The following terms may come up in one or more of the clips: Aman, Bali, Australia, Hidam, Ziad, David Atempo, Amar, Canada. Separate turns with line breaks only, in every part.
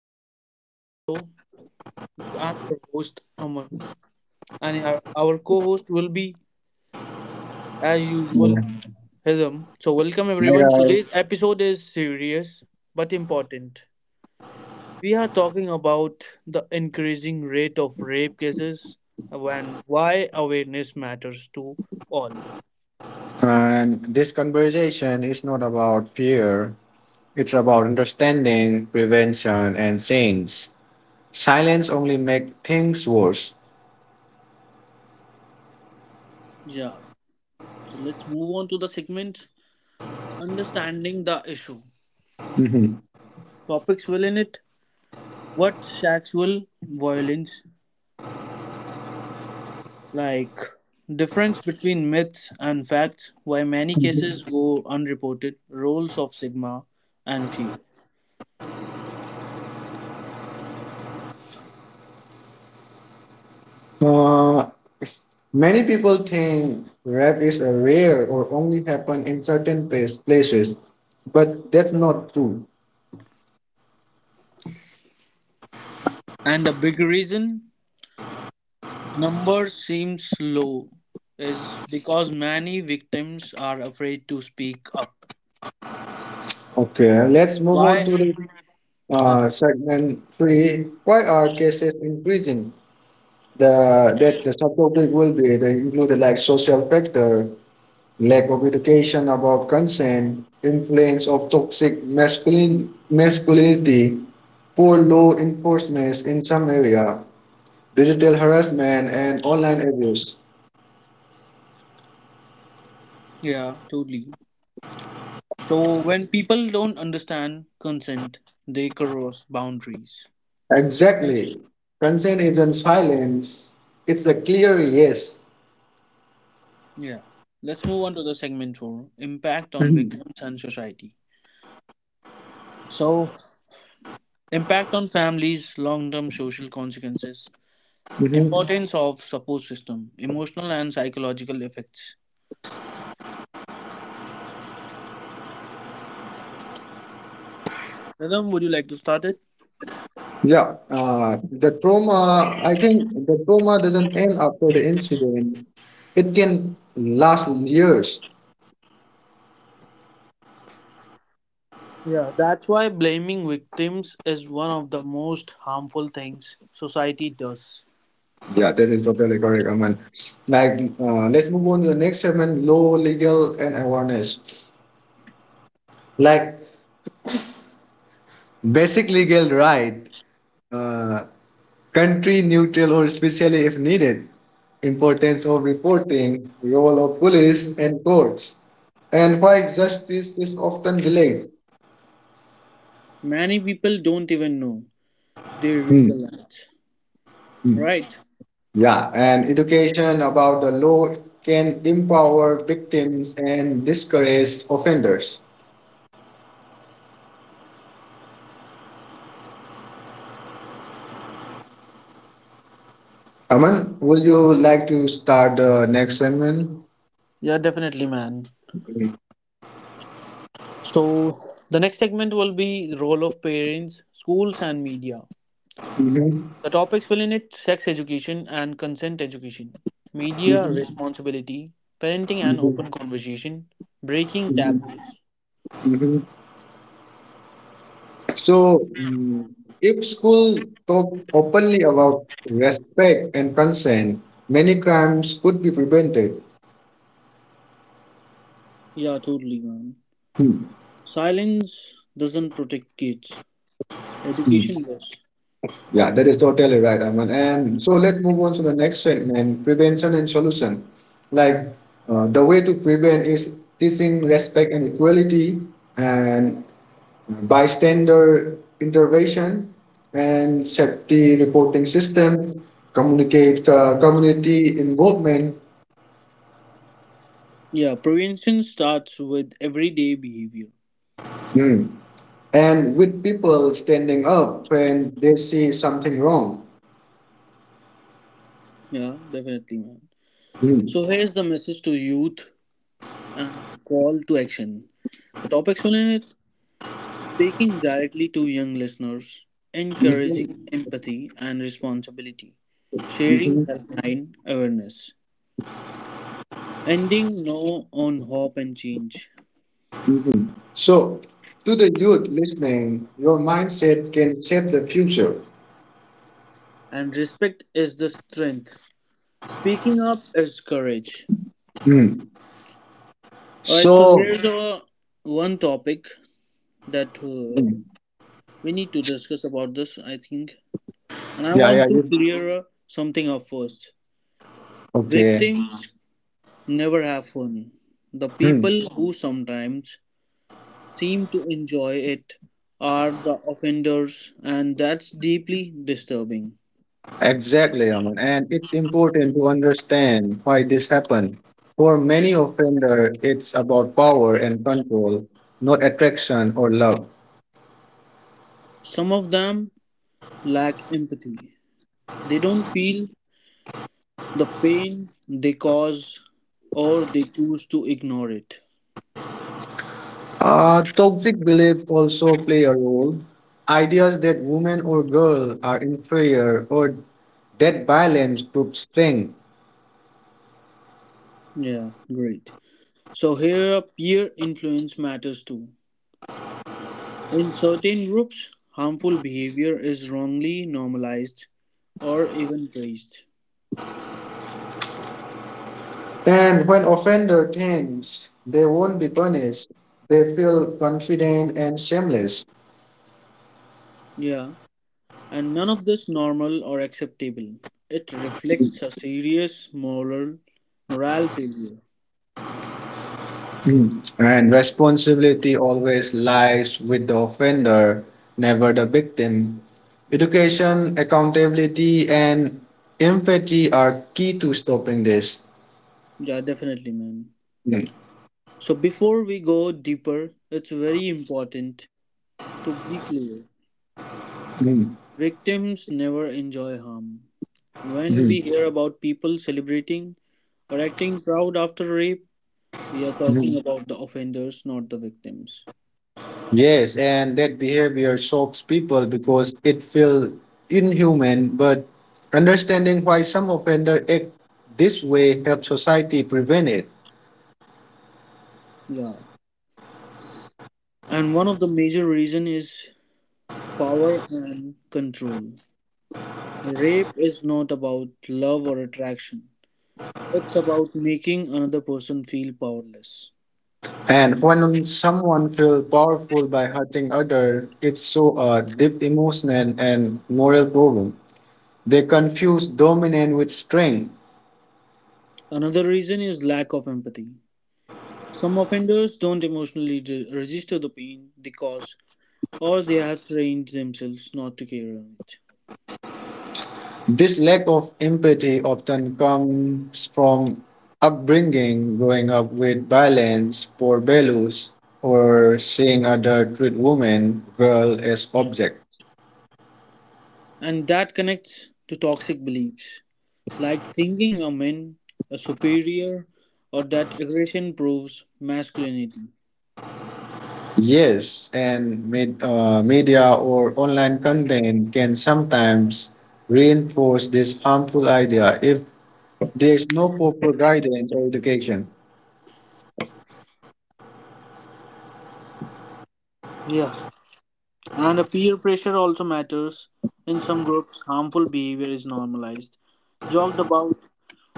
welcome back to our show. I'm your host, Amar, and our co host will be, as usual,
Hi
Hidam. So, welcome everyone.
guys.
Today's episode is serious but important. We are talking about the increasing rate of rape cases and why awareness matters to all.
And this conversation is not about fear. It's about understanding, prevention, and change. Silence only make things worse.
Yeah. So, let's move on to the segment Understanding the Issue.
Mhm.
Topics will in it what sexual violence like, difference between myths and facts, why many cases go unreported, roles of sigma and phi.
Uh, Many people think rap is a rare or only happen in certain places, but that's not true.
And a big reason number seems low is because many victims are afraid to speak up.
Okay, let's move on
Why?
to the
Okay.
segment three. Why are cases increasing? The subtopic will be the included like social factor, lack of education about consent, influence of toxic masculine masculinity, poor law enforcement in some area, digital harassment and online abuse.
Yeah, totally. So when people don't understand consent, they cross boundaries.
Exactly. Consent isn't silence. It's a clear yes.
Yeah, let's move on to the segment 4, impact on victims and society. So, impact on families, long term social consequences,
Mhm.
importance of support system, emotional and psychological effects. Nidham, would you like to start it?
Yeah, the trauma, I think the trauma doesn't end after the incident. It can last years.
Yeah, that's why blaming victims is one of the most harmful things society does.
Yeah, that is totally correct, Aman. Like, let's move on to the next segment, law, legal, and awareness. Like, basic legal right, uh, country neutral or especially if needed, importance of reporting, role of police and courts, and why justice is often delayed.
Many people don't even know they
Hmm.
realize.
Hmm.
Right?
Yeah, and education about the law can empower victims and discourage offenders. Aman, would you like to start the next segment?
Yeah, definitely, man.
Mhm,
So, the next segment will be role of parents, schools, and media.
mhm,
The topics will in it sex education and consent education, media
mhm,
responsibility, parenting and open conversation, breaking
mhm,
taboos.
mhm. So, if school talk openly about respect and consent, many crimes could be prevented.
Yeah, totally, man.
Hmm.
Silence doesn't protect kids. Education does.
Yeah, that is totally right, Aman. And so let's move on to the next segment, prevention and solution. Like the way to prevent is teaching respect and equality and bystander intervention and safety reporting system, communicate community involvement.
Yeah, prevention starts with everyday behavior.
Hmm. And with people standing up when they see something wrong.
Yeah, definitely, man.
Hmm.
So here's the message to youth and call to action. The topics will in it speaking directly to young listeners,
Mhm.
encouraging empathy and responsibility, sharing
Mhm.
helpline awareness, ending no on hope and change.
Mhm. So, to the youth listening, your mindset can shape the future.
And respect is the strength. Speaking up is courage.
Hmm.
Alright, so
So,
here's our one topic that
hmm.
we need to discuss about this, I think. And I
yeah, yeah,
want to
you-
clear something up first.
Okay.
Victims never have fun. The
Hmm.
people who sometimes seem to enjoy it are the offenders, and that's deeply disturbing.
Exactly, Aman. And it's important to understand why this happened. For many offender, it's about power and control, not attraction or love.
Some of them lack empathy. They don't feel the pain they cause, or they choose to ignore it.
Toxic beliefs also play a role. Ideas that women or girl are inferior or that violence proves strength.
Yeah, great. So here peer influence matters too. In certain groups, harmful behavior is wrongly normalized or even praised.
And when offender thinks they won't be punished, they feel confident and shameless.
Yeah, and none of this normal or acceptable. It reflects a serious moral morale failure.
Mm. And responsibility always lies with the offender, never the victim. Education, accountability, and empathy are key to stopping this.
Yeah, definitely, man.
Mm.
So before we go deeper, it's very important to be clear.
Mm.
Victims never enjoy harm. When we
Mm.
hear about people celebrating or acting proud after rape, we are talking
Mm.
about the offenders, not the victims.
Yes, and that behavior shocks people because it feels inhuman, but understanding why some offender act this way helps society prevent it.
Yeah. And one of the major reason is power and control. Rape is not about love or attraction. It's about making another person feel powerless.
And when someone feels powerful by hurting other, it's so a deep emotional and moral problem. They confuse dominance with strength.
Another reason is lack of empathy. Some offenders don't emotionally de- register the pain they cause, or they have trained themselves not to care on it.
This lack of empathy often comes from upbringing, growing up with violence, poor values, or seeing other treat women, girl as object.
And that connects to toxic beliefs, like thinking a man, a superior, or that aggression proves masculinity.
Yes, and media or online content can sometimes reinforce this harmful idea if there is no proper guidance or education.
Yeah, and a peer pressure also matters. In some groups, harmful behavior is normalized, joked about,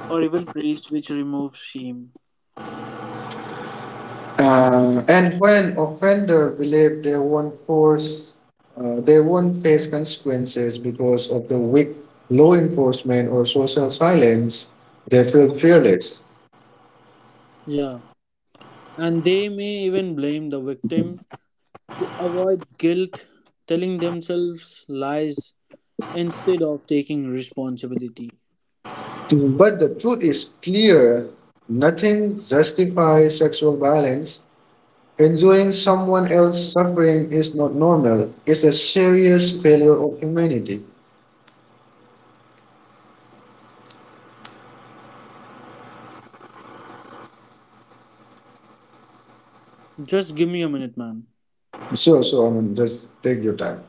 or even praised, which removes shame.
And when offender believe they won't force, they won't face consequences because of the weak law enforcement or social silence, they feel fearless.
Yeah, and they may even blame the victim to avoid guilt, telling themselves lies instead of taking responsibility.
But the truth is clear. Nothing justifies sexual violence. Enjoying someone else's suffering is not normal. It's a serious failure of humanity.
Just give me a minute, man.
So, I mean, just take your time.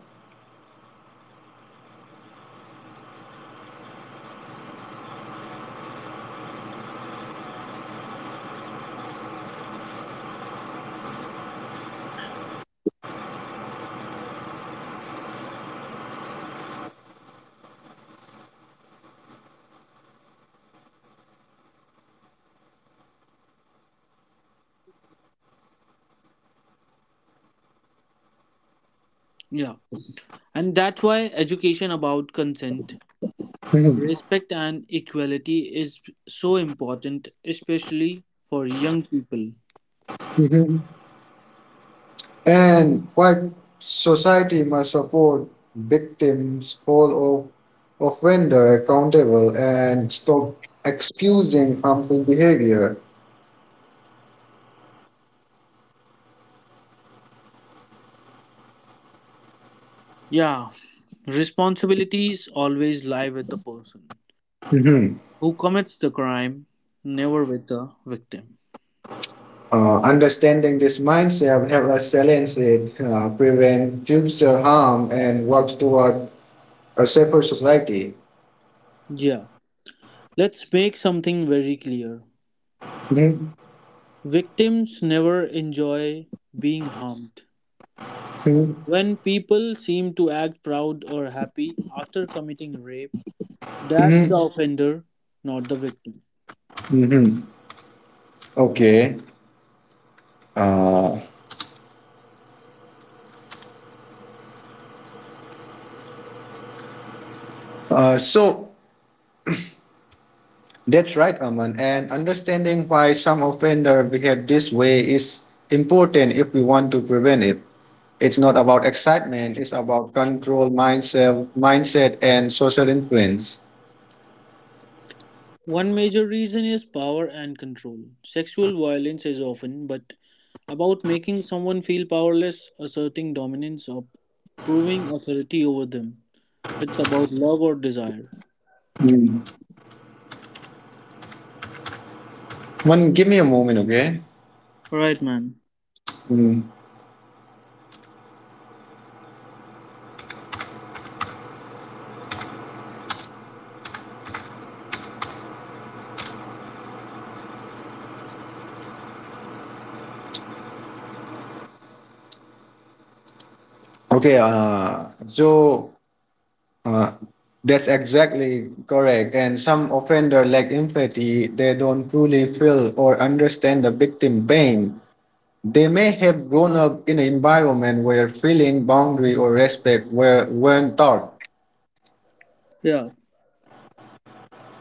Yeah, and that's why education about consent,
Mhm.
respect, and equality is so important, especially for young people.
Mhm. And white society must afford victims hold of offender accountable and stop excusing harmful behavior.
Yeah, responsibilities always lie with the person
Mhm.
who commits the crime, never with the victim.
Understanding this mindset will help us silence it, prevent future harm, and work toward a safer society.
Yeah, let's make something very clear.
Mhm.
Victims never enjoy being harmed.
Mhm.
When people seem to act proud or happy after committing rape, that's the
Mhm.
offender, not the victim.
Mhm. Okay. Uh, so, that's right, Aman. And understanding why some offenders behave this way is important if we want to prevent it. It's not about excitement, it's about control, mindset and social influence.
One major reason is power and control. Sexual violence is often but about making someone feel powerless, asserting dominance, or proving authority over them. It's about love or desire.
Mm. One, give me a moment, okay?
Right, man.
Mm. Okay, so uh, that's exactly correct. And some offender lack empathy, they don't truly feel or understand the victim pain. They may have grown up in an environment where feeling boundary or respect weren't taught,
Yeah.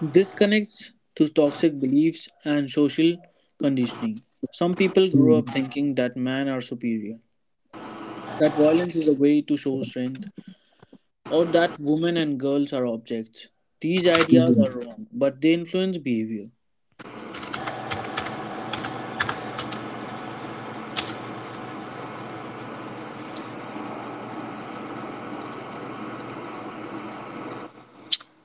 This connects to toxic beliefs and social conditioning. Some people grow up thinking that men are superior, that violence is a way to show strength, or that women and girls are objects. These ideas are wrong, but they influence behavior.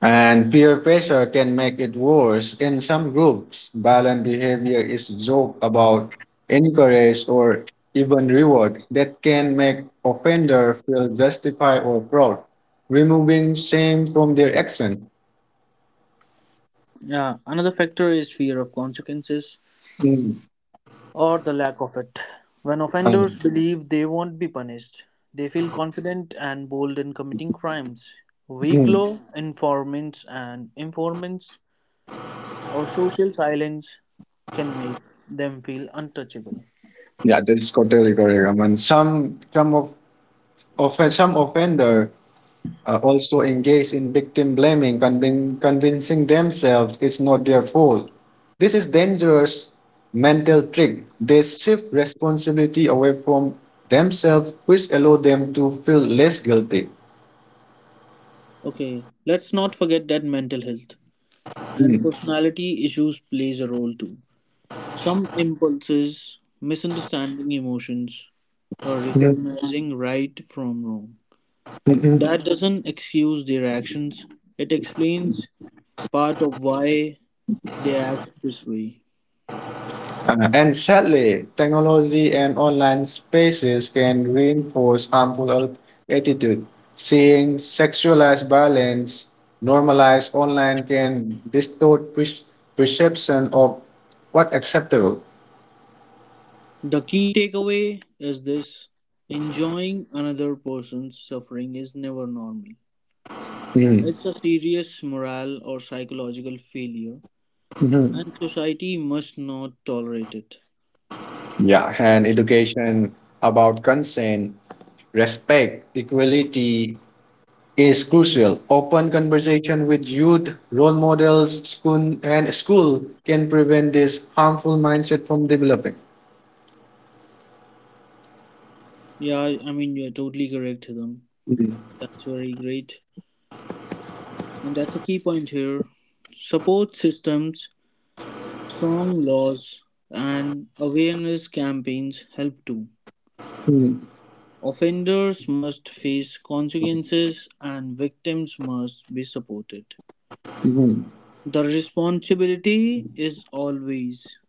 and peer pressure can make it worse. In some groups, violent behavior is joked about, encouraged, or even rewarded. That can make offender feel justified or proud, removing shame from their action.
Yeah, another factor is fear of consequences,
Mm.
or the lack of it. When offenders
Um,
believe they won't be punished, they feel confident and bold in committing crimes. Weak
mm.
law, informants, and informants or social silence can make them feel untouchable.
Yeah, that's totally correct. I mean, some of some offender also engage in victim blaming, convincing themselves it's not their fault. This is dangerous mental trick. They shift responsibility away from themselves, which allow them to feel less guilty.
Okay, let's not forget that mental health and
Mm.
personality issues plays a role too. Some impulses, misunderstanding emotions, or
Mm.
recognizing right from wrong.
Mm-mm.
That doesn't excuse their actions, it explains part of why they act this way.
And sadly, technology and online spaces can reinforce harmful attitude. Seeing sexualized violence normalized online can distort perception of what acceptable.
The key takeaway is this: enjoying another person's suffering is never normal.
Mhm.
It's a serious moral or psychological failure,
Mhm.
and society must not tolerate it.
Yeah, and education about consent, respect, equality, is crucial. Open conversation with youth, role models, school can prevent this harmful mindset from developing.
Yeah, I mean, you're totally correct, Hidam. That's very great. And that's a key point here. Support systems, strong laws, and awareness campaigns help too.
Mhm,
Offenders must face consequences and victims must be supported.
mhm,
The responsibility is always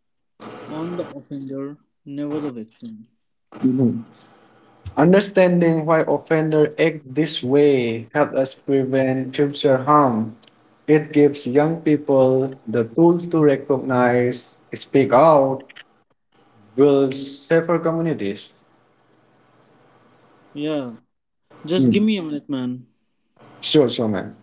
on the offender, never the victim.
mhm. Understanding why offender act this way helps us prevent future harm. It gives young people the tools to recognize, speak out, build safer communities.
Yeah, just give
Mm.
me a minute, man.
Sure, sure, man.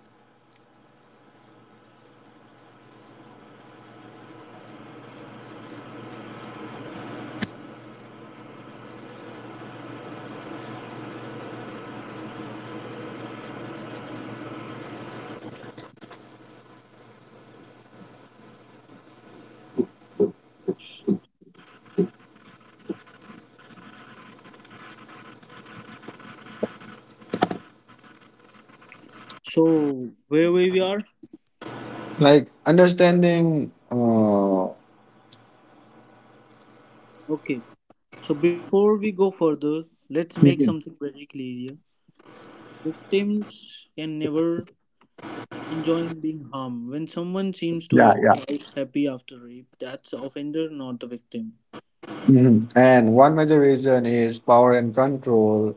So, where we are?
Like understanding
Okay. So, before we go further, let's make
mhm.
something very clear here. Victims can never enjoying being harmed. When someone seems to
Yeah, yeah.
act out happy after rape, that's the offender, not the victim.
Mhm. And one major reason is power and control.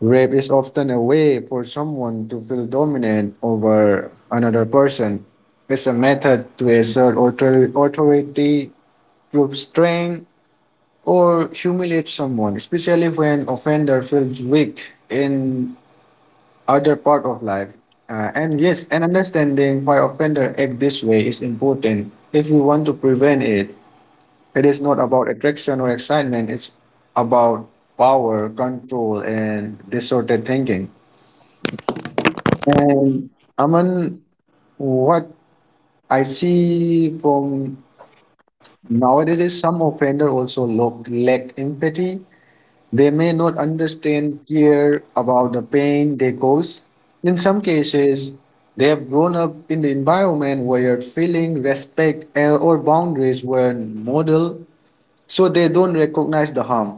Rape is often a way for someone to feel dominant over another person. It's a method to assert authority, prove strength, or humiliate someone, especially when offender feels weak in other part of life. And yes, and understanding why offender act this way is important if we want to prevent it. It is not about attraction or excitement, it's about power, control, and distorted thinking. And Aman, what I see from nowadays is some offender lack empathy. They may not understand, care about the pain they cause. In some cases, they have grown up in the environment where feeling, respect, or boundaries were modeled, so they don't recognize the harm.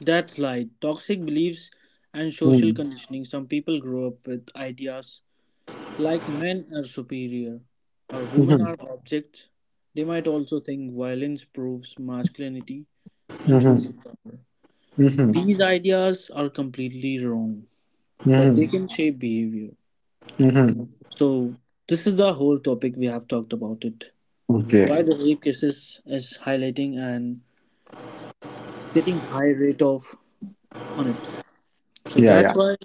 That's lied. Toxic beliefs and social
Hmm.
conditioning. Some people grow up with ideas like men are superior or women are
Mhm,
objects. They might also think violence proves masculinity and
mhm,
social power.
mhm,
These ideas are completely wrong, but they
mhm,
can shape behavior.
mhm.
So, this is the whole topic we have talked about it.
Okay.
Why the rape cases is highlighting and getting high rate of on it. So
Yeah,
that's
yeah.
why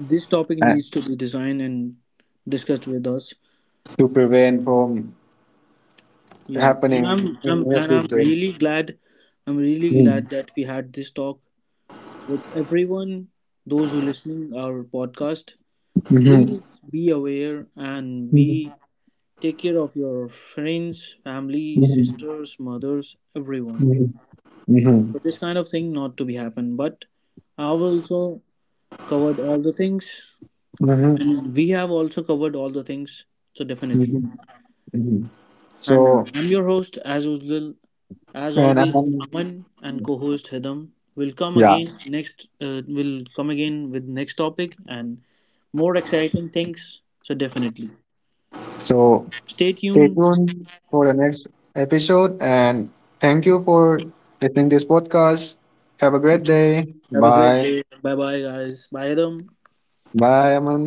this topic
Uh,
needs to be designed and discussed with us.
to prevent from
Yeah,
happening
and I'm
in
I'm
near
and I'm
future.
really glad, I'm really
Mm,
glad that we had this talk with everyone, those who listening our podcast.
mhm,
Please be aware and
mhm,
be take care of your friends, family,
mhm,
sisters, mothers, everyone.
mhm,
So this kind of thing not to be happen. But I will also covered all the things,
mhm, mhm,
and we have also covered all the things. So definitely.
mhm, mhm.
And
So,
I'm your host, as usual, as
and
always, Aman and co-host Hedam will come
yeah.
again next. Will come again with next topic and more exciting things. So definitely,
So,
stay
stay
tuned.
tuned for the next episode, and thank you for listening this podcast. Have a great day.
Have a great
Bye.
day. Bye bye, guys. Bye, Hedam.
Bye, Aman.